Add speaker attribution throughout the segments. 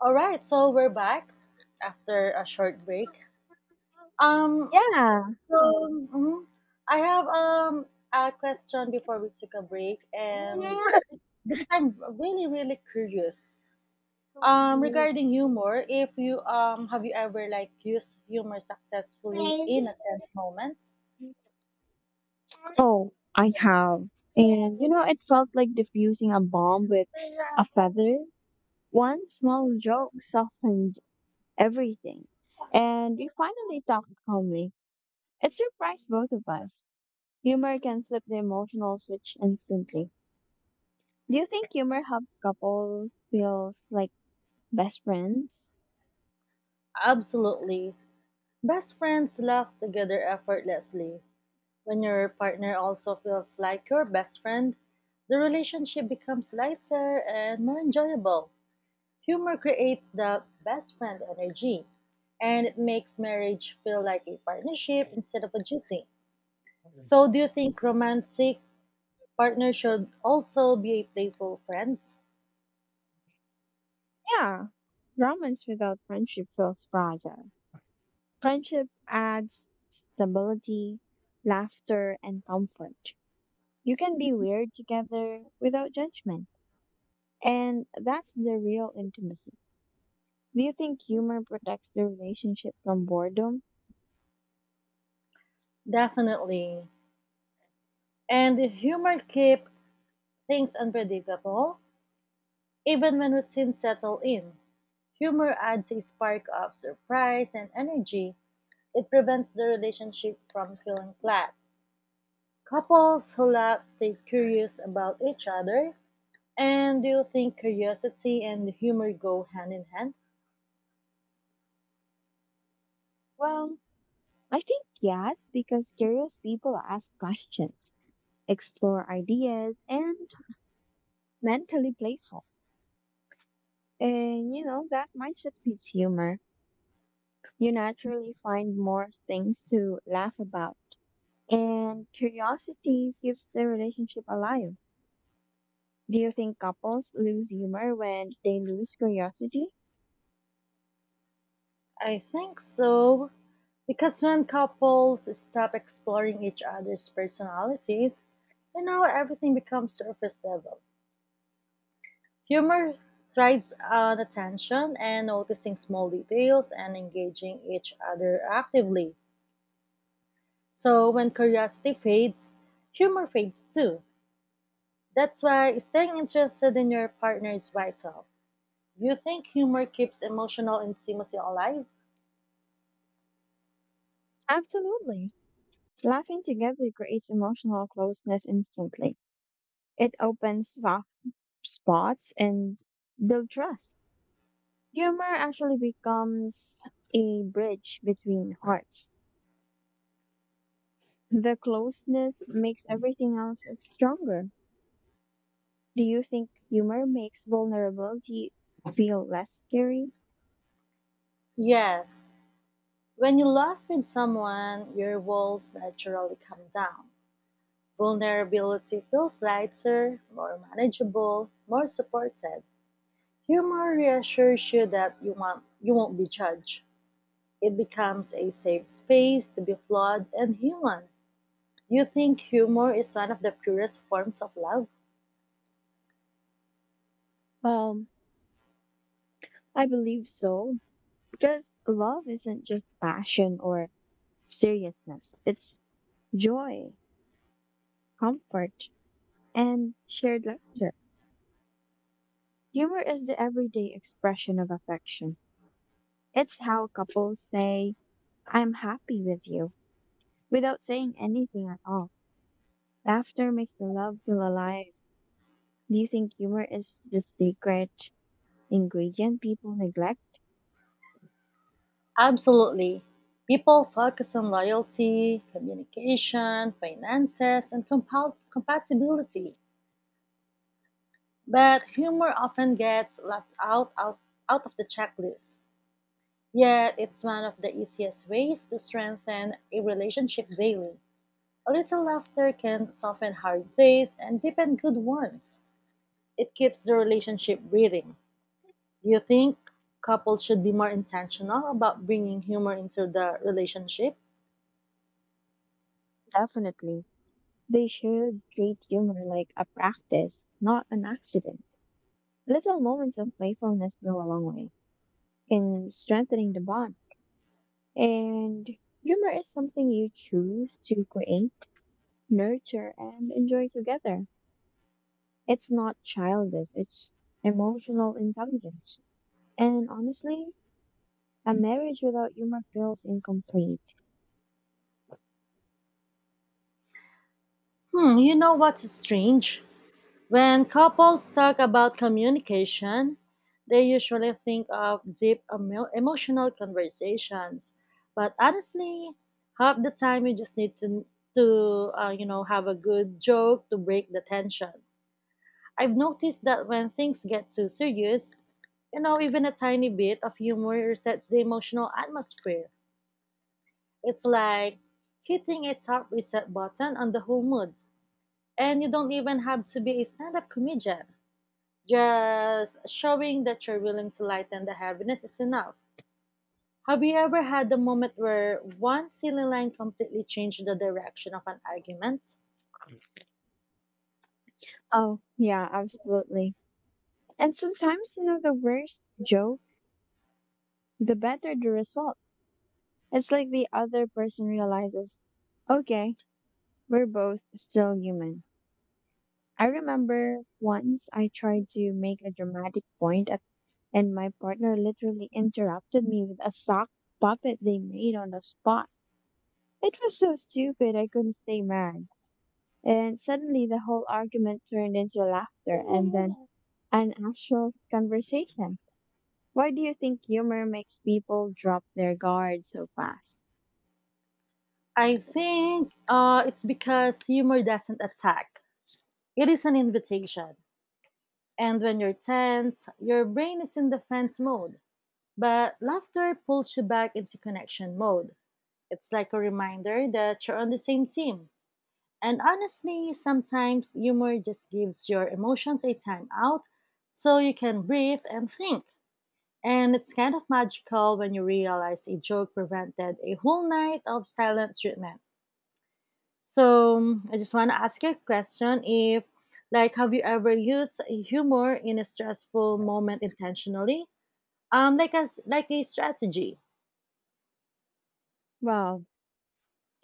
Speaker 1: All right, so we're back after a short break. Um,
Speaker 2: Yeah.
Speaker 1: so mhm, I have a question before we took a break, and because I'm really curious regarding humor. If you Have you ever like used humor successfully in a tense moment?
Speaker 2: Oh, I have. It felt like diffusing a bomb with a feather. One small joke softened everything. And we finally talked calmly. It surprised both of us. Humor can flip the emotional switch instantly. Do you think humor helps couples feel like best friends?
Speaker 1: Absolutely. Best friends laugh together effortlessly. When your partner also feels like your best friend, the relationship becomes lighter and more enjoyable. Humor creates the best friend energy, and it makes marriage feel like a partnership instead of a duty. So, do you think romantic partners should also be a playful friends?
Speaker 2: Yeah. Romance without friendship feels fragile. Friendship adds stability, laughter, and comfort. You can be weird together without judgment. And that's the real intimacy. Do you think humor protects the relationship from boredom?
Speaker 1: Definitely. And humor keep things unpredictable, even when routines settle in. Humor adds a spark of surprise and energy. It prevents the relationship from feeling flat. Couples who laugh stay curious about each other. And do you think curiosity and humor go hand in hand?
Speaker 2: Well, I think yes, because curious people ask questions, explore ideas, and mentally playful. That mindset feeds humor. You naturally find more things to laugh about. And curiosity keeps the relationship alive. Do you think couples lose humor when they lose curiosity?
Speaker 1: I think so. Because when couples stop exploring each other's personalities, you know, everything becomes surface level. Humor thrives on attention and noticing small details and engaging each other actively. So when curiosity fades, humor fades too. That's why staying interested in your partner is vital. You think humor keeps emotional intimacy alive?
Speaker 2: Absolutely. Laughing together creates emotional closeness instantly. It opens soft spots and builds trust. Humor actually becomes a bridge between hearts. The closeness makes everything else stronger. Do you think humor makes vulnerability feel less scary?
Speaker 1: Yes. When you laugh with someone, your walls naturally come down. Vulnerability feels lighter, more manageable, more supported. Humor reassures you that you won't be judged. It becomes a safe space to be flawed and human. Do you think humor is one of the purest forms of love?
Speaker 2: Well, I believe so, because love isn't just passion or seriousness. It's joy, comfort, and shared laughter. Humor is the everyday expression of affection. It's how couples say, I'm happy with you, without saying anything at all. Laughter makes the love feel alive. Do you think humor is the secret ingredient people neglect?
Speaker 1: Absolutely. People focus on loyalty, communication, finances, and compatibility, but humor often gets left out of the checklist. Yet, it's one of the easiest ways to strengthen a relationship daily. A little laughter can soften hard days and deepen good ones. It keeps the relationship breathing. Do you think couples should be more intentional about bringing humor into the relationship?
Speaker 2: Definitely. They should treat humor like a practice, not an accident. Little moments of playfulness go a long way in strengthening the bond. And humor is something you choose to create, nurture, and enjoy together. It's not childish, it's emotional intelligence. And honestly, a marriage without humor feels incomplete.
Speaker 1: Hmm, you know what's strange? When couples talk about communication, they usually think of deep emotional conversations. But honestly, half the time you just need to have a good joke to break the tension. I've noticed that when things get too serious, you know, even a tiny bit of humor resets the emotional atmosphere. It's like hitting a soft reset button on the whole mood. And you don't even have to be a stand up comedian. Just showing that you're willing to lighten the heaviness is enough. Have you ever had a moment where one silly line completely changed the direction of an argument?
Speaker 2: Oh, yeah, absolutely. And sometimes, you know, the worse joke, the better the result. It's like the other person realizes, okay, we're both still human. I remember once I tried to make a dramatic point at, and my partner literally interrupted me with a sock puppet they made on the spot. It was so stupid I couldn't stay mad. And suddenly the whole argument turned into laughter and then an actual conversation. Why do you think humor makes people drop their guard so fast?
Speaker 1: I think it's because humor doesn't attack, it is an invitation. And when you're tense, your brain is in defense mode. But laughter pulls you back into connection mode. It's like a reminder that you're on the same team. And honestly, sometimes humor just gives your emotions a time out so you can breathe and think. And it's kind of magical when you realize a joke prevented a whole night of silent treatment. So I just want to ask you a question if like have you ever used humor in a stressful moment intentionally? Like as like a strategy.
Speaker 2: Well,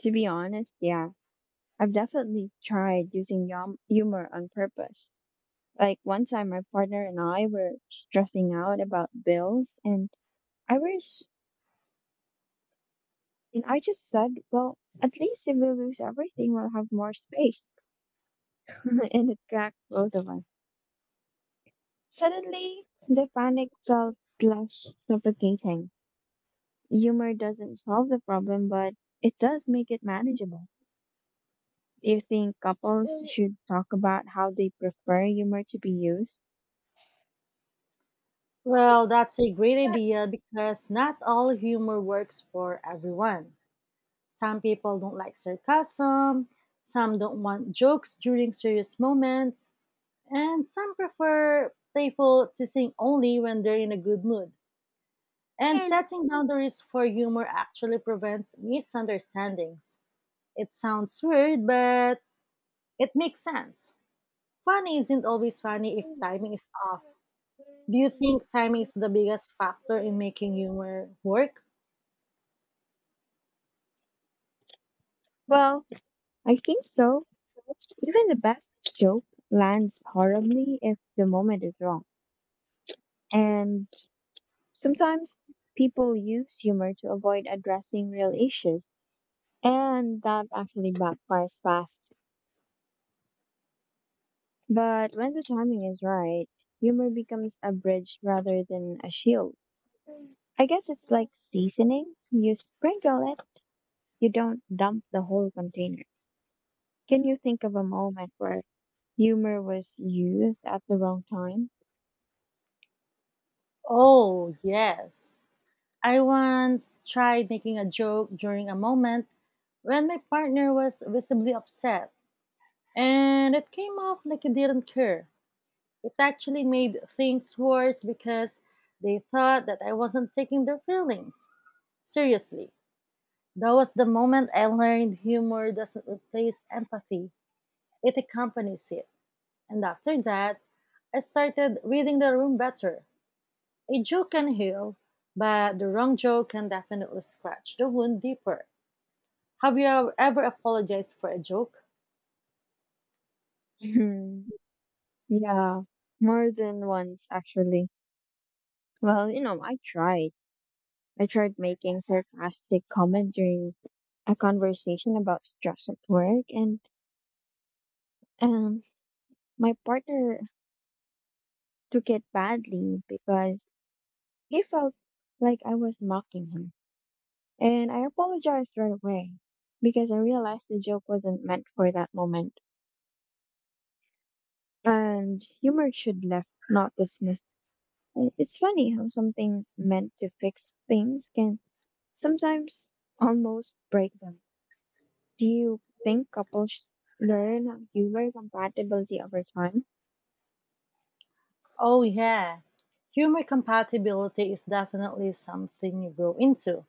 Speaker 2: to be honest, yeah, I've definitely tried using humor on purpose. Like one time, my partner and I were stressing out about bills, and I was, I just said, "Well, at least if we lose everything, we'll have more space." And it cracked both of us. Suddenly, the panic felt less suffocating. Humor doesn't solve the problem, but it does make it manageable. Do you think couples should talk about how they prefer humor to be used?
Speaker 1: Well, that's a great idea because not all humor works for everyone. Some people don't like sarcasm, some don't want jokes during serious moments, and some prefer playful teasing only when they're in a good mood. And setting boundaries for humor actually prevents misunderstandings. It sounds weird, but it makes sense. Funny isn't always funny if timing is off. Do you think timing is the biggest factor in making humor work?
Speaker 2: Well, I think so. Even the best joke lands horribly if the moment is wrong. And sometimes people use humor to avoid addressing real issues, and that actually backfires fast. But when the timing is right, humor becomes a bridge rather than a shield. I guess it's like seasoning. You sprinkle it, you don't dump the whole container. Can you think of a moment where humor was used at the wrong time?
Speaker 1: Oh, yes. I once tried making a joke during a moment when my partner was visibly upset, and it came off like it didn't care. It actually made things worse because they thought that I wasn't taking their feelings seriously. That was the moment I learned humor doesn't replace empathy, it accompanies it. And after that, I started reading the room better. A joke can heal, but the wrong joke can definitely scratch the wound deeper. Have you ever apologized for a joke?
Speaker 2: Yeah, more than once actually. Well, you know, I tried making sarcastic comment during a conversation about stress at work, and um, my partner took it badly because he felt like I was mocking him. And I apologized right away because I realized the joke wasn't meant for that moment. And humor should left, not dismiss. It's funny how something meant to fix things can sometimes almost break them. Do you think couples learn humor compatibility over time?
Speaker 1: Oh, yeah. Humor compatibility is definitely something you grow into.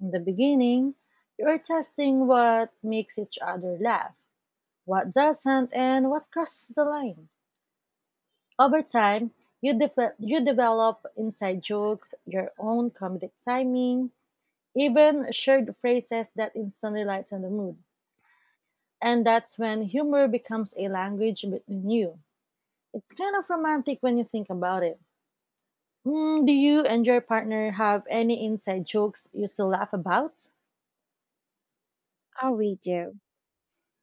Speaker 1: In the beginning, you're testing what makes each other laugh, what doesn't, and what crosses the line. Over time, you develop inside jokes, your own comedic timing, even shared phrases that instantly lighten the mood. And that's when humor becomes a language between you. It's kind of romantic when you think about it. Mm, do you and your partner have any inside jokes you still laugh about?
Speaker 2: Oh, we do.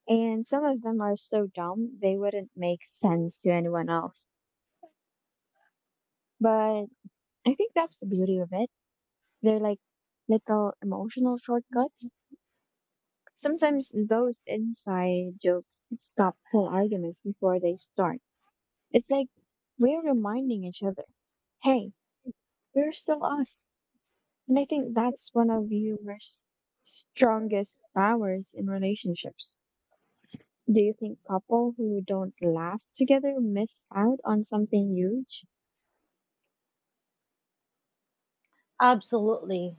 Speaker 2: And some of them are so dumb, they wouldn't make sense to anyone else. But I think that's the beauty of it. They're like little emotional shortcuts. Sometimes those inside jokes stop whole arguments before they start. It's like we're reminding each other, hey, we're still us. And I think that's one of your strongest powers in relationships. Do you think couple who don't laugh together miss out on something huge?
Speaker 1: Absolutely.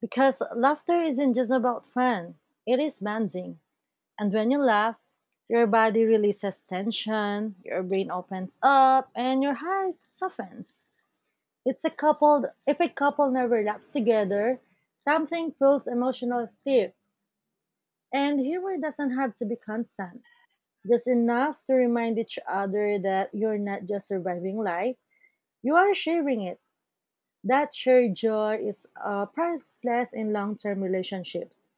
Speaker 1: Because laughter isn't just about fun, it is bonding. And when you laugh, your body releases tension, your brain opens up, and your heart softens. If a couple never laughs together, something feels emotional stiff. And humor doesn't have to be constant. Just enough to remind each other that you're not just surviving life, you are sharing it. That shared joy is priceless in long term relationships.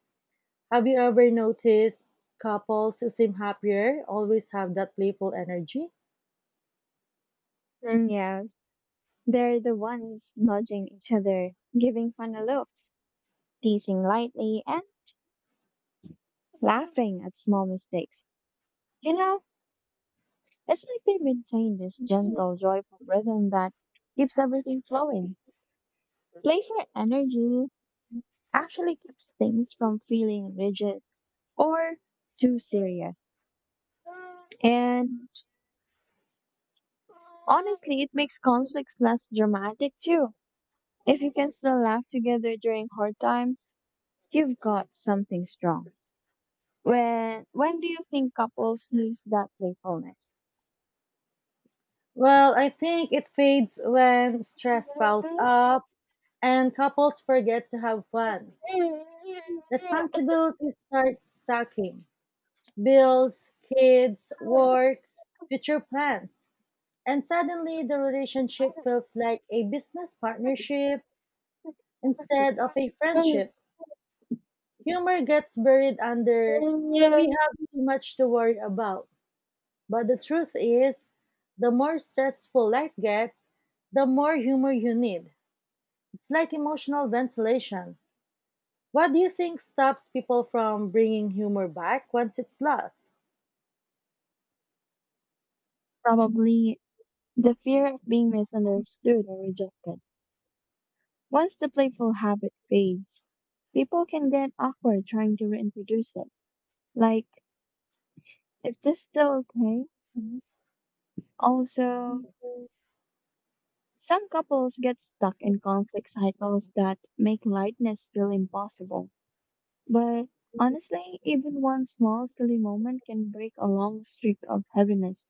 Speaker 1: Have you ever noticed couples who seem happier always have that playful energy?
Speaker 2: Mm, yeah, they're the ones nudging each other, giving funny looks, teasing lightly, and laughing at small mistakes. You know, it's like they maintain this gentle, joyful rhythm that keeps everything flowing. Playful energy actually keeps things from feeling rigid or too serious. And honestly, it makes conflicts less dramatic too. If you can still laugh together during hard times, you've got something strong. When do you think couples lose that playfulness?
Speaker 1: Well, I think it fades when stress piles up and couples forget to have fun. Responsibilities start stacking bills, kids, work, future plans. And suddenly the relationship feels like a business partnership instead of a friendship. Humor gets buried under, we have too much to worry about. But the truth is, the more stressful life gets, the more humor you need. It's like emotional ventilation. What do you think stops people from bringing humor back once it's lost?
Speaker 2: Probably the fear of being misunderstood or rejected. Once the playful habit fades, people can get awkward trying to reintroduce it. Like, is this still okay? Also, some couples get stuck in conflict cycles that make lightness feel impossible. But honestly, even one small silly moment can break a long streak of heaviness.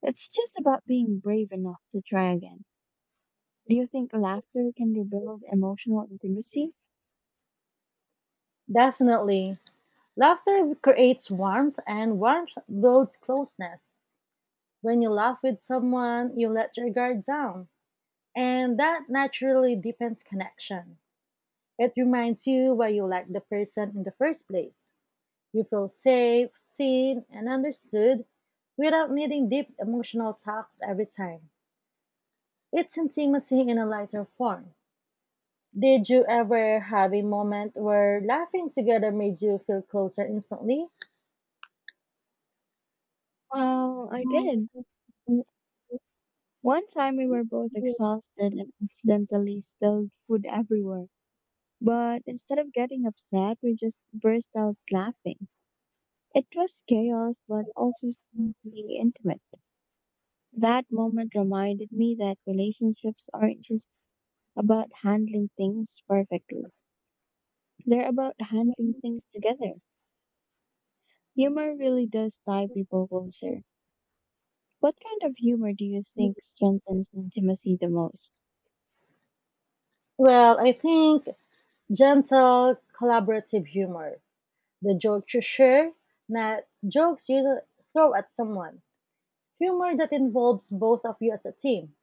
Speaker 2: It's just about being brave enough to try again. Do you think laughter can rebuild emotional intimacy?
Speaker 1: Definitely. Laughter creates warmth, and warmth builds closeness. When you laugh with someone, you let your guard down. And that naturally deepens connection. It reminds you why you like the person in the first place. You feel safe, seen, and understood without needing deep emotional talks every time. It's intimacy in a lighter form. Did you ever have a moment where laughing together made you feel closer instantly?
Speaker 2: Well, I did. W- One time we were both exhausted and accidentally spilled food everywhere. But instead of getting upset, we just burst out laughing. It was chaos, but also strangely intimate. That moment reminded me that relationships aren't just about handling things perfectly, they're about handling things together. Humor really does tie people closer. What kind of humor do you think strengthens intimacy the most?
Speaker 1: Well, I think gentle, collaborative humor. The joke you share, not jokes you throw at someone. Humor that involves both of you as a team.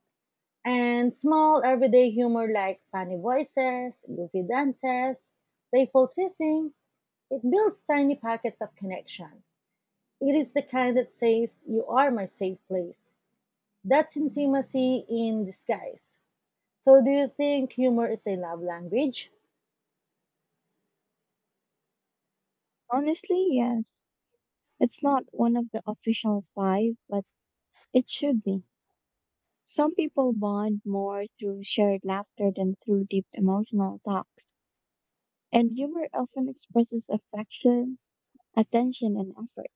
Speaker 1: And small everyday humor like funny voices, goofy dances, playful teasing, it builds tiny pockets of connection. It is the kind that says, you are my safe place. That's intimacy in disguise. So, do you think humor is a love language?
Speaker 2: Honestly, yes. It's not one of the official five, but it should be. Some people bond more through shared laughter than through deep emotional talks. And humor often expresses affection, attention, and effort.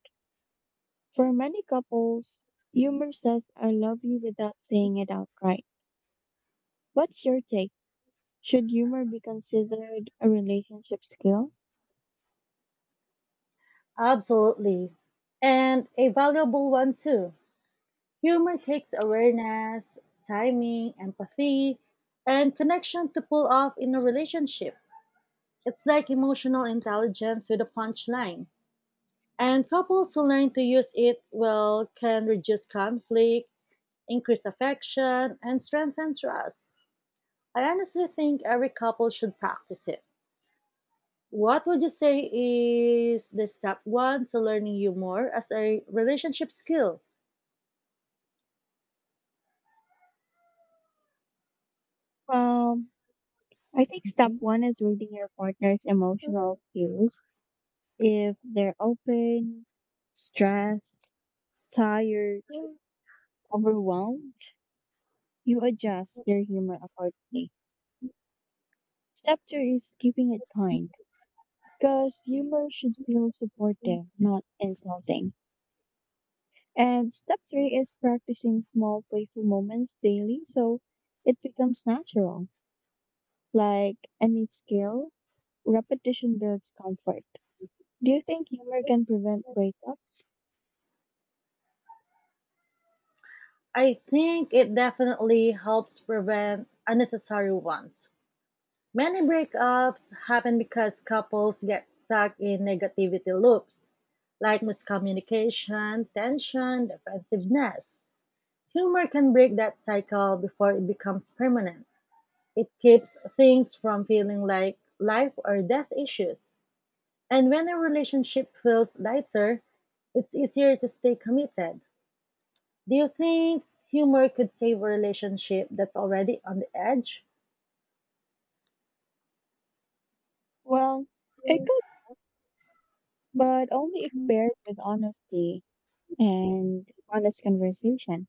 Speaker 2: For many couples, humor says, I love you without saying it outright. What's your take? Should humor be considered a relationship skill?
Speaker 1: Absolutely. And a valuable one too. Humor takes awareness, timing, empathy, and connection to pull off in a relationship. It's like emotional intelligence with a punchline. And couples who learn to use it well can reduce conflict, increase affection, and strengthen trust. I honestly think every couple should practice it. What would you say is the step one to learning humor as a relationship skill?
Speaker 2: Well, I think step
Speaker 1: Okay.
Speaker 2: one is reading your partner's emotional cues. If they're open, stressed, tired, overwhelmed, you adjust your humor accordingly. Step two is keeping it kind. Because humor should feel supportive, not insulting. And step three is practicing small playful moments daily so it becomes natural. Like any skill, repetition builds comfort. Do you think humor can prevent breakups?
Speaker 1: I think it definitely helps prevent unnecessary ones. Many breakups happen because couples get stuck in negativity loops, like miscommunication, tension, defensiveness. Humor can break that cycle before it becomes permanent. It keeps things from feeling like life or death issues. And when a relationship feels lighter, it's easier to stay committed. Do you think humor could save a relationship that's already on the edge?
Speaker 2: Well, it could, but only if paired with honesty and honest conversation.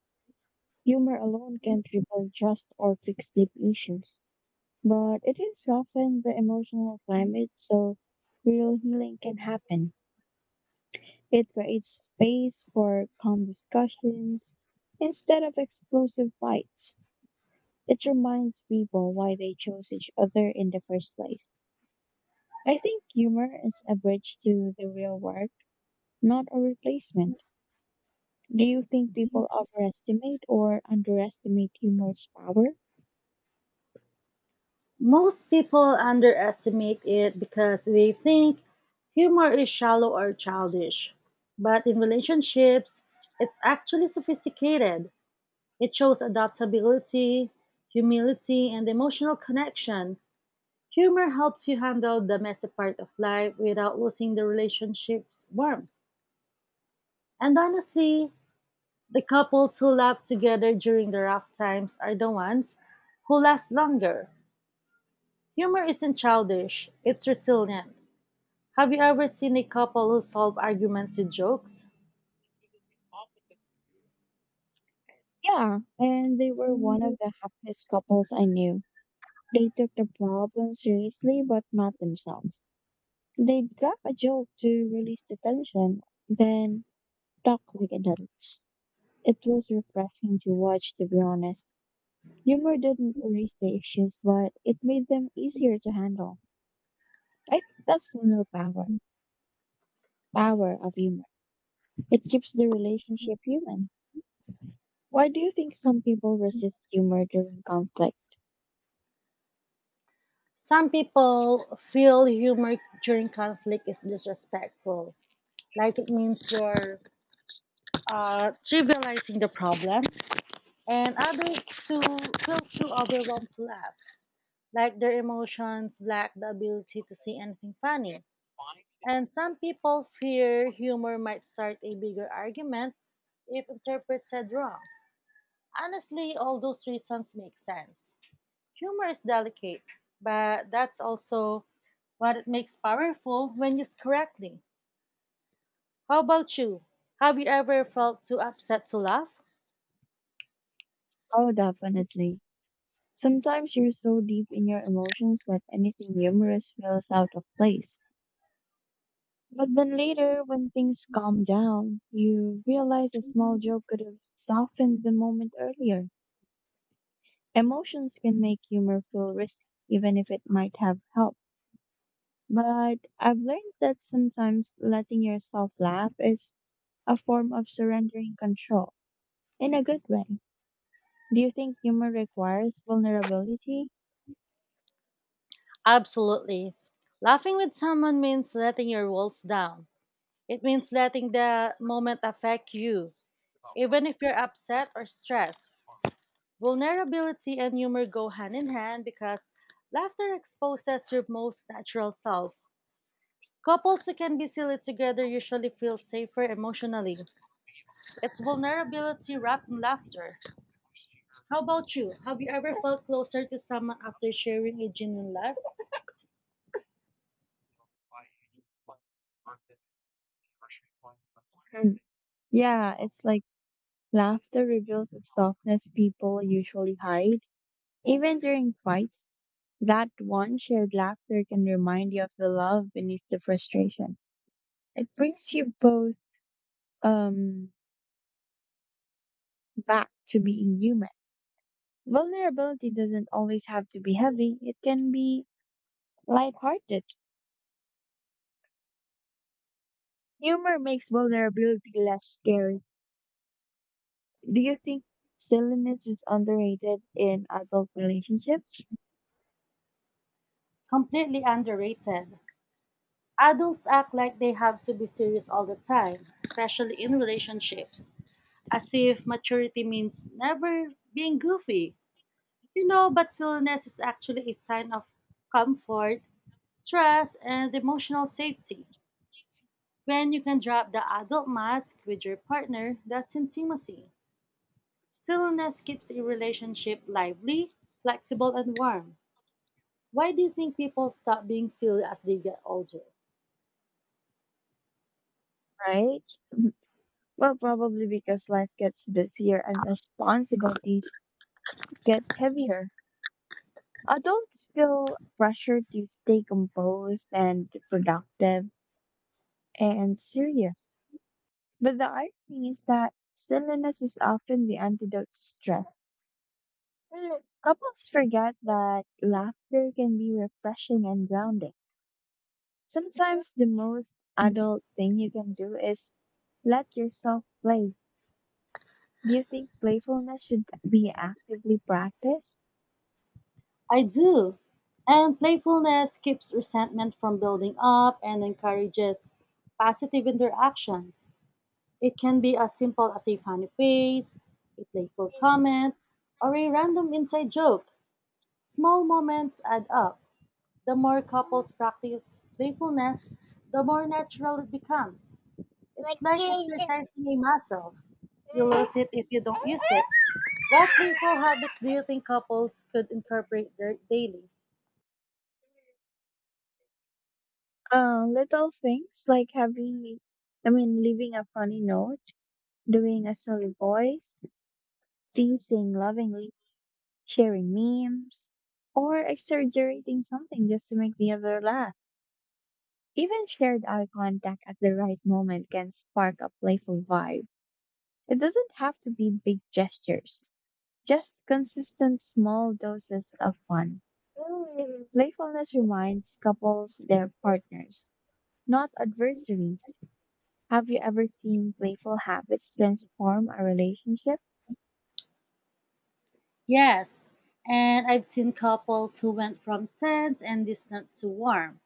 Speaker 2: Humor alone can't resolve trust or fix deep issues, but it is often the emotional climate so real healing can happen. It creates space for calm discussions instead of explosive fights. It reminds people why they chose each other in the first place. I think humor is a bridge to the real world, not a replacement. Do you think people overestimate or underestimate humor's power?
Speaker 1: Most people underestimate it because they think humor is shallow or childish. But in relationships, it's actually sophisticated. It shows adaptability, humility, and emotional connection. Humor helps you handle the messy part of life without losing the relationship's warmth. And honestly, the couples who laugh together during the rough times are the ones who last longer. Humor isn't childish, it's resilient. Have you ever seen a couple who solve arguments with jokes?
Speaker 2: Yeah, and they were one of the happiest couples I knew. They took the problem seriously, but not themselves. They'd crack a joke to release the tension, then talk like adults. It was refreshing to watch, to be honest. Humor didn't erase the issues, but it made them easier to handle. I think that's the real power of humor. It keeps the relationship human. Why do you think some people resist humor during conflict?
Speaker 1: Some people feel humor during conflict is disrespectful, like it means you're trivializing the problem, and others too feel too overwhelmed to laugh, like their emotions lack the ability to see anything funny. And some people fear humor might start a bigger argument if interpreted wrong. Honestly, all those reasons make sense. Humor is delicate, but that's also what it makes powerful when used correctly. How about you? Have you ever felt too upset to laugh?
Speaker 2: Oh, definitely. Sometimes you're so deep in your emotions that anything humorous feels out of place. But then later, when things calm down, you realize a small joke could have softened the moment earlier. Emotions can make humor feel risky, even if it might have helped. But I've learned that sometimes letting yourself laugh is a form of surrendering control in a good way. Do you think humor requires vulnerability?
Speaker 1: Absolutely. Laughing with someone means letting your walls down. It means letting the moment affect you, even if you're upset or stressed. Vulnerability and humor go hand in hand because laughter exposes your most natural self. Couples who can be silly together usually feel safer emotionally. It's vulnerability wrapped in laughter. How about you? Have you ever felt closer to someone after sharing a genuine laugh?
Speaker 2: Hmm. Yeah, it's like laughter reveals the softness people usually hide. Even during fights, that one shared laughter can remind you of the love beneath the frustration. It brings you both um, back to being human. Vulnerability doesn't always have to be heavy, it can be lighthearted. Humor makes vulnerability less scary. Do you think silliness is underrated in adult relationships,
Speaker 1: Completely underrated. Adults act like they have to be serious all the time, especially in relationships, as if maturity means never being goofy. You know, but stillness is actually a sign of comfort, trust, and emotional safety. When you can drop the adult mask with your partner, that's intimacy. Stillness keeps a relationship lively, flexible, and warm. Why do you think people stop being silly as they get older?
Speaker 2: right? Well, probably because life gets busier and responsibilities get heavier. Adults feel pressure to stay composed and productive and serious. But the irony is that silliness is often the antidote to stress. Couples forget that laughter can be refreshing and grounding. Sometimes the most adult thing you can do is let yourself play. Do you think playfulness should be actively practiced?
Speaker 1: I do. And playfulness keeps resentment from building up and encourages positive interactions. It can be as simple as a funny face, a playful comment, or a random inside joke. Small moments add up. The more couples practice playfulness, the more natural it becomes. It's like exercising a muscle. You lose it if you don't use it. What playful habits do you think couples could incorporate their daily?
Speaker 2: Little things like leaving a funny note, doing a silly voice, teasing lovingly, sharing memes, or exaggerating something just to make the other laugh. Even shared eye contact at the right moment can spark a playful vibe. It doesn't have to be big gestures, just consistent small doses of fun. Playfulness reminds couples their partners, not adversaries. Have you ever seen playful habits transform a relationship?
Speaker 1: Yes, and I've seen couples who went from tense and distant to warm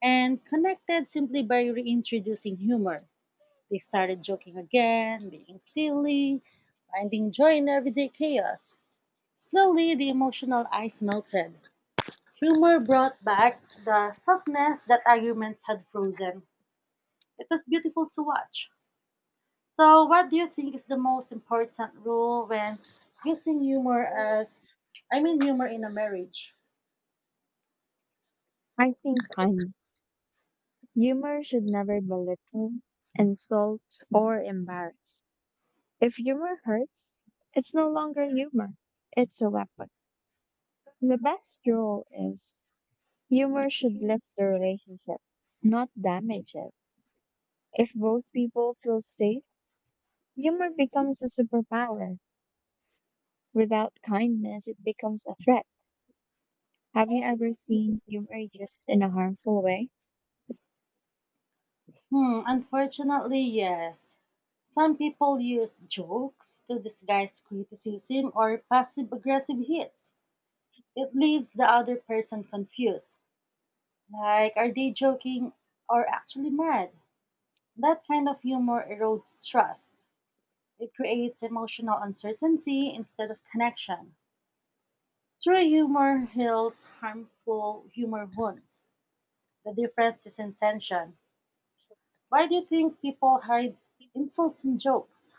Speaker 1: and connected simply by reintroducing humor. They started joking again, being silly, finding joy in everyday chaos. Slowly, the emotional ice melted. Humor brought back the softness that arguments had frozen. It was beautiful to watch. So, what do you think is the most important rule when using humor as, I mean, humor in a marriage?
Speaker 2: I think kind. Humor should never belittle, insult, or embarrass. If humor hurts, it's no longer humor. It's a weapon. The best rule is humor should lift the relationship, not damage it. If both people feel safe, humor becomes a superpower. Without kindness, it becomes a threat. Have you ever seen humor used in a harmful way?
Speaker 1: Hmm, unfortunately, yes. Some people use jokes to disguise criticism or passive aggressive hits. It leaves the other person confused. Like, are they joking or actually mad? That kind of humor erodes trust. It creates emotional uncertainty instead of connection. True humor heals harmful humor wounds. The difference is intention. Why do you think people hide insults and jokes?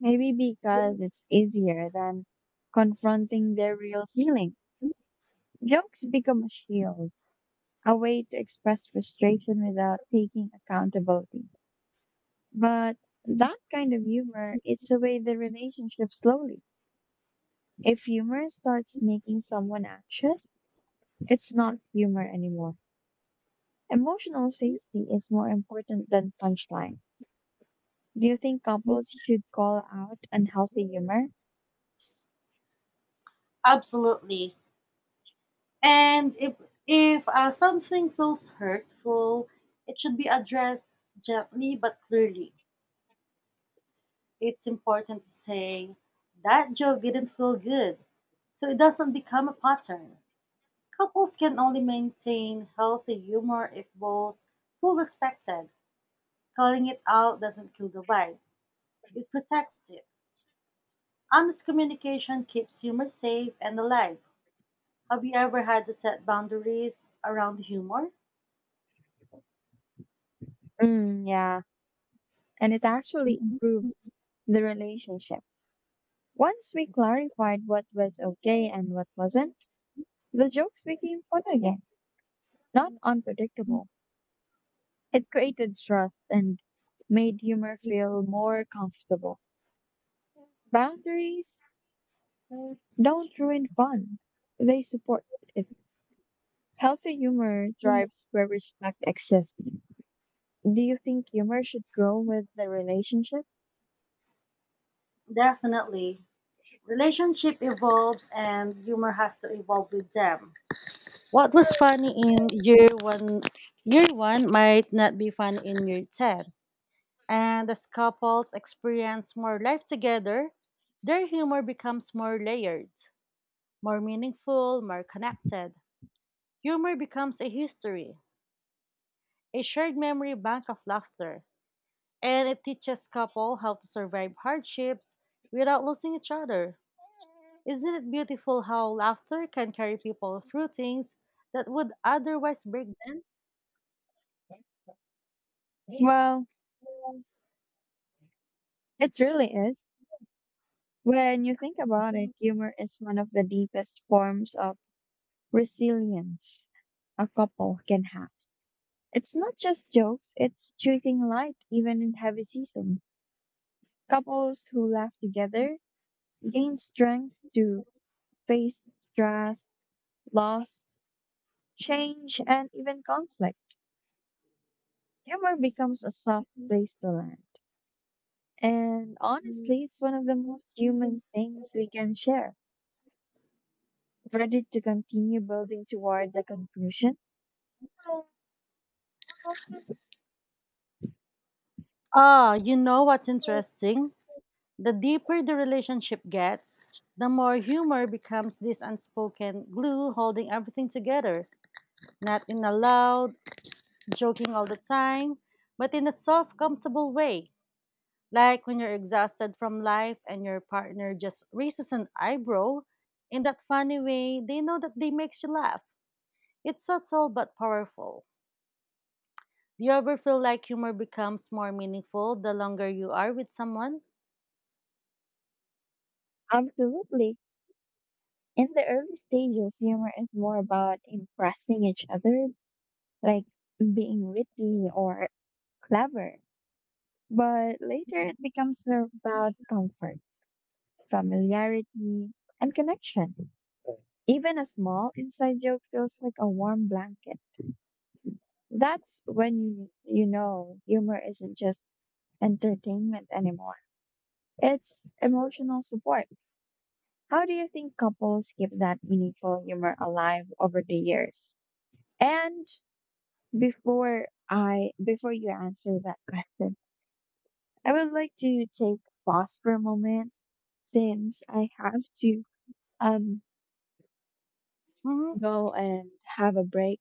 Speaker 2: Maybe because it's easier than confronting their real feelings. Jokes become a shield, a way to express frustration without taking accountability. But that kind of humor eats away the relationship slowly. If humor starts making someone anxious, it's not humor anymore. Emotional safety is more important than punchline. Do you think couples should call out unhealthy humor?
Speaker 1: Absolutely. And if something feels hurtful, it should be addressed gently but clearly. It's important to say that joke didn't feel good, so it doesn't become a pattern. Couples can only maintain healthy humor if both feel respected. Calling it out doesn't kill the vibe; it protects it. Honest communication keeps humor safe and alive. Have you ever had to set boundaries around humor?
Speaker 2: Mm, yeah, and it actually improves the relationship. Once we clarified what was okay and what wasn't, the jokes became fun again, not unpredictable. It created trust and made humor feel more comfortable. Boundaries don't ruin fun, they support it. Healthy humor thrives where respect exists. Do you think humor should grow with the relationship?
Speaker 1: Definitely. Relationship evolves and humor has to evolve with them. What was funny in year one might not be fun in year 10. And as couples experience more life together, their humor becomes more layered, more meaningful, more connected. Humor becomes a history, a shared memory bank of laughter, and it teaches couple how to survive hardships without losing each other. Isn't it beautiful how laughter can carry people through things that would otherwise break them?
Speaker 2: Well, it really is. When you think about it, humor is one of the deepest forms of resilience a couple can have. It's not just jokes, it's choosing light even in heavy seasons. Couples who laugh together gain strength to face stress, loss, change, and even conflict. Humor becomes a soft place to land. And honestly, it's one of the most human things we can share. Ready to continue building towards the conclusion?
Speaker 1: Ah, you know what's interesting? The deeper the relationship gets, the more humor becomes this unspoken glue holding everything together, not in a loud, joking all the time, but in a soft, comfortable way. Like when you're exhausted from life and your partner just raises an eyebrow in that funny way, they know that they makes you laugh. It's subtle but powerful. Do you ever feel like humor becomes more meaningful the longer you are with someone?
Speaker 2: Absolutely. In the early stages, humor is more about impressing each other, like being witty or clever. But later it becomes more about comfort, familiarity, and connection. Even a small inside joke feels like a warm blanket. That's when you know humor isn't just entertainment anymore. It's emotional support. How do you think couples keep that meaningful humor alive over the years? And Before I Before you answer that question, I would like to take pause for a moment since I have to um
Speaker 1: Mm-hmm.
Speaker 2: go and have a break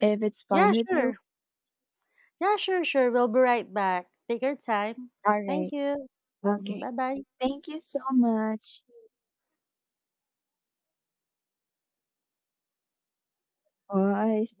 Speaker 2: if it's
Speaker 1: Yeah,
Speaker 2: fine with you.
Speaker 1: sure. Yeah, sure. We'll be right back. Take your time.
Speaker 2: All
Speaker 1: Thank
Speaker 2: right.
Speaker 1: you.
Speaker 2: Okay.
Speaker 1: Bye bye.
Speaker 2: Thank you so much. Bye.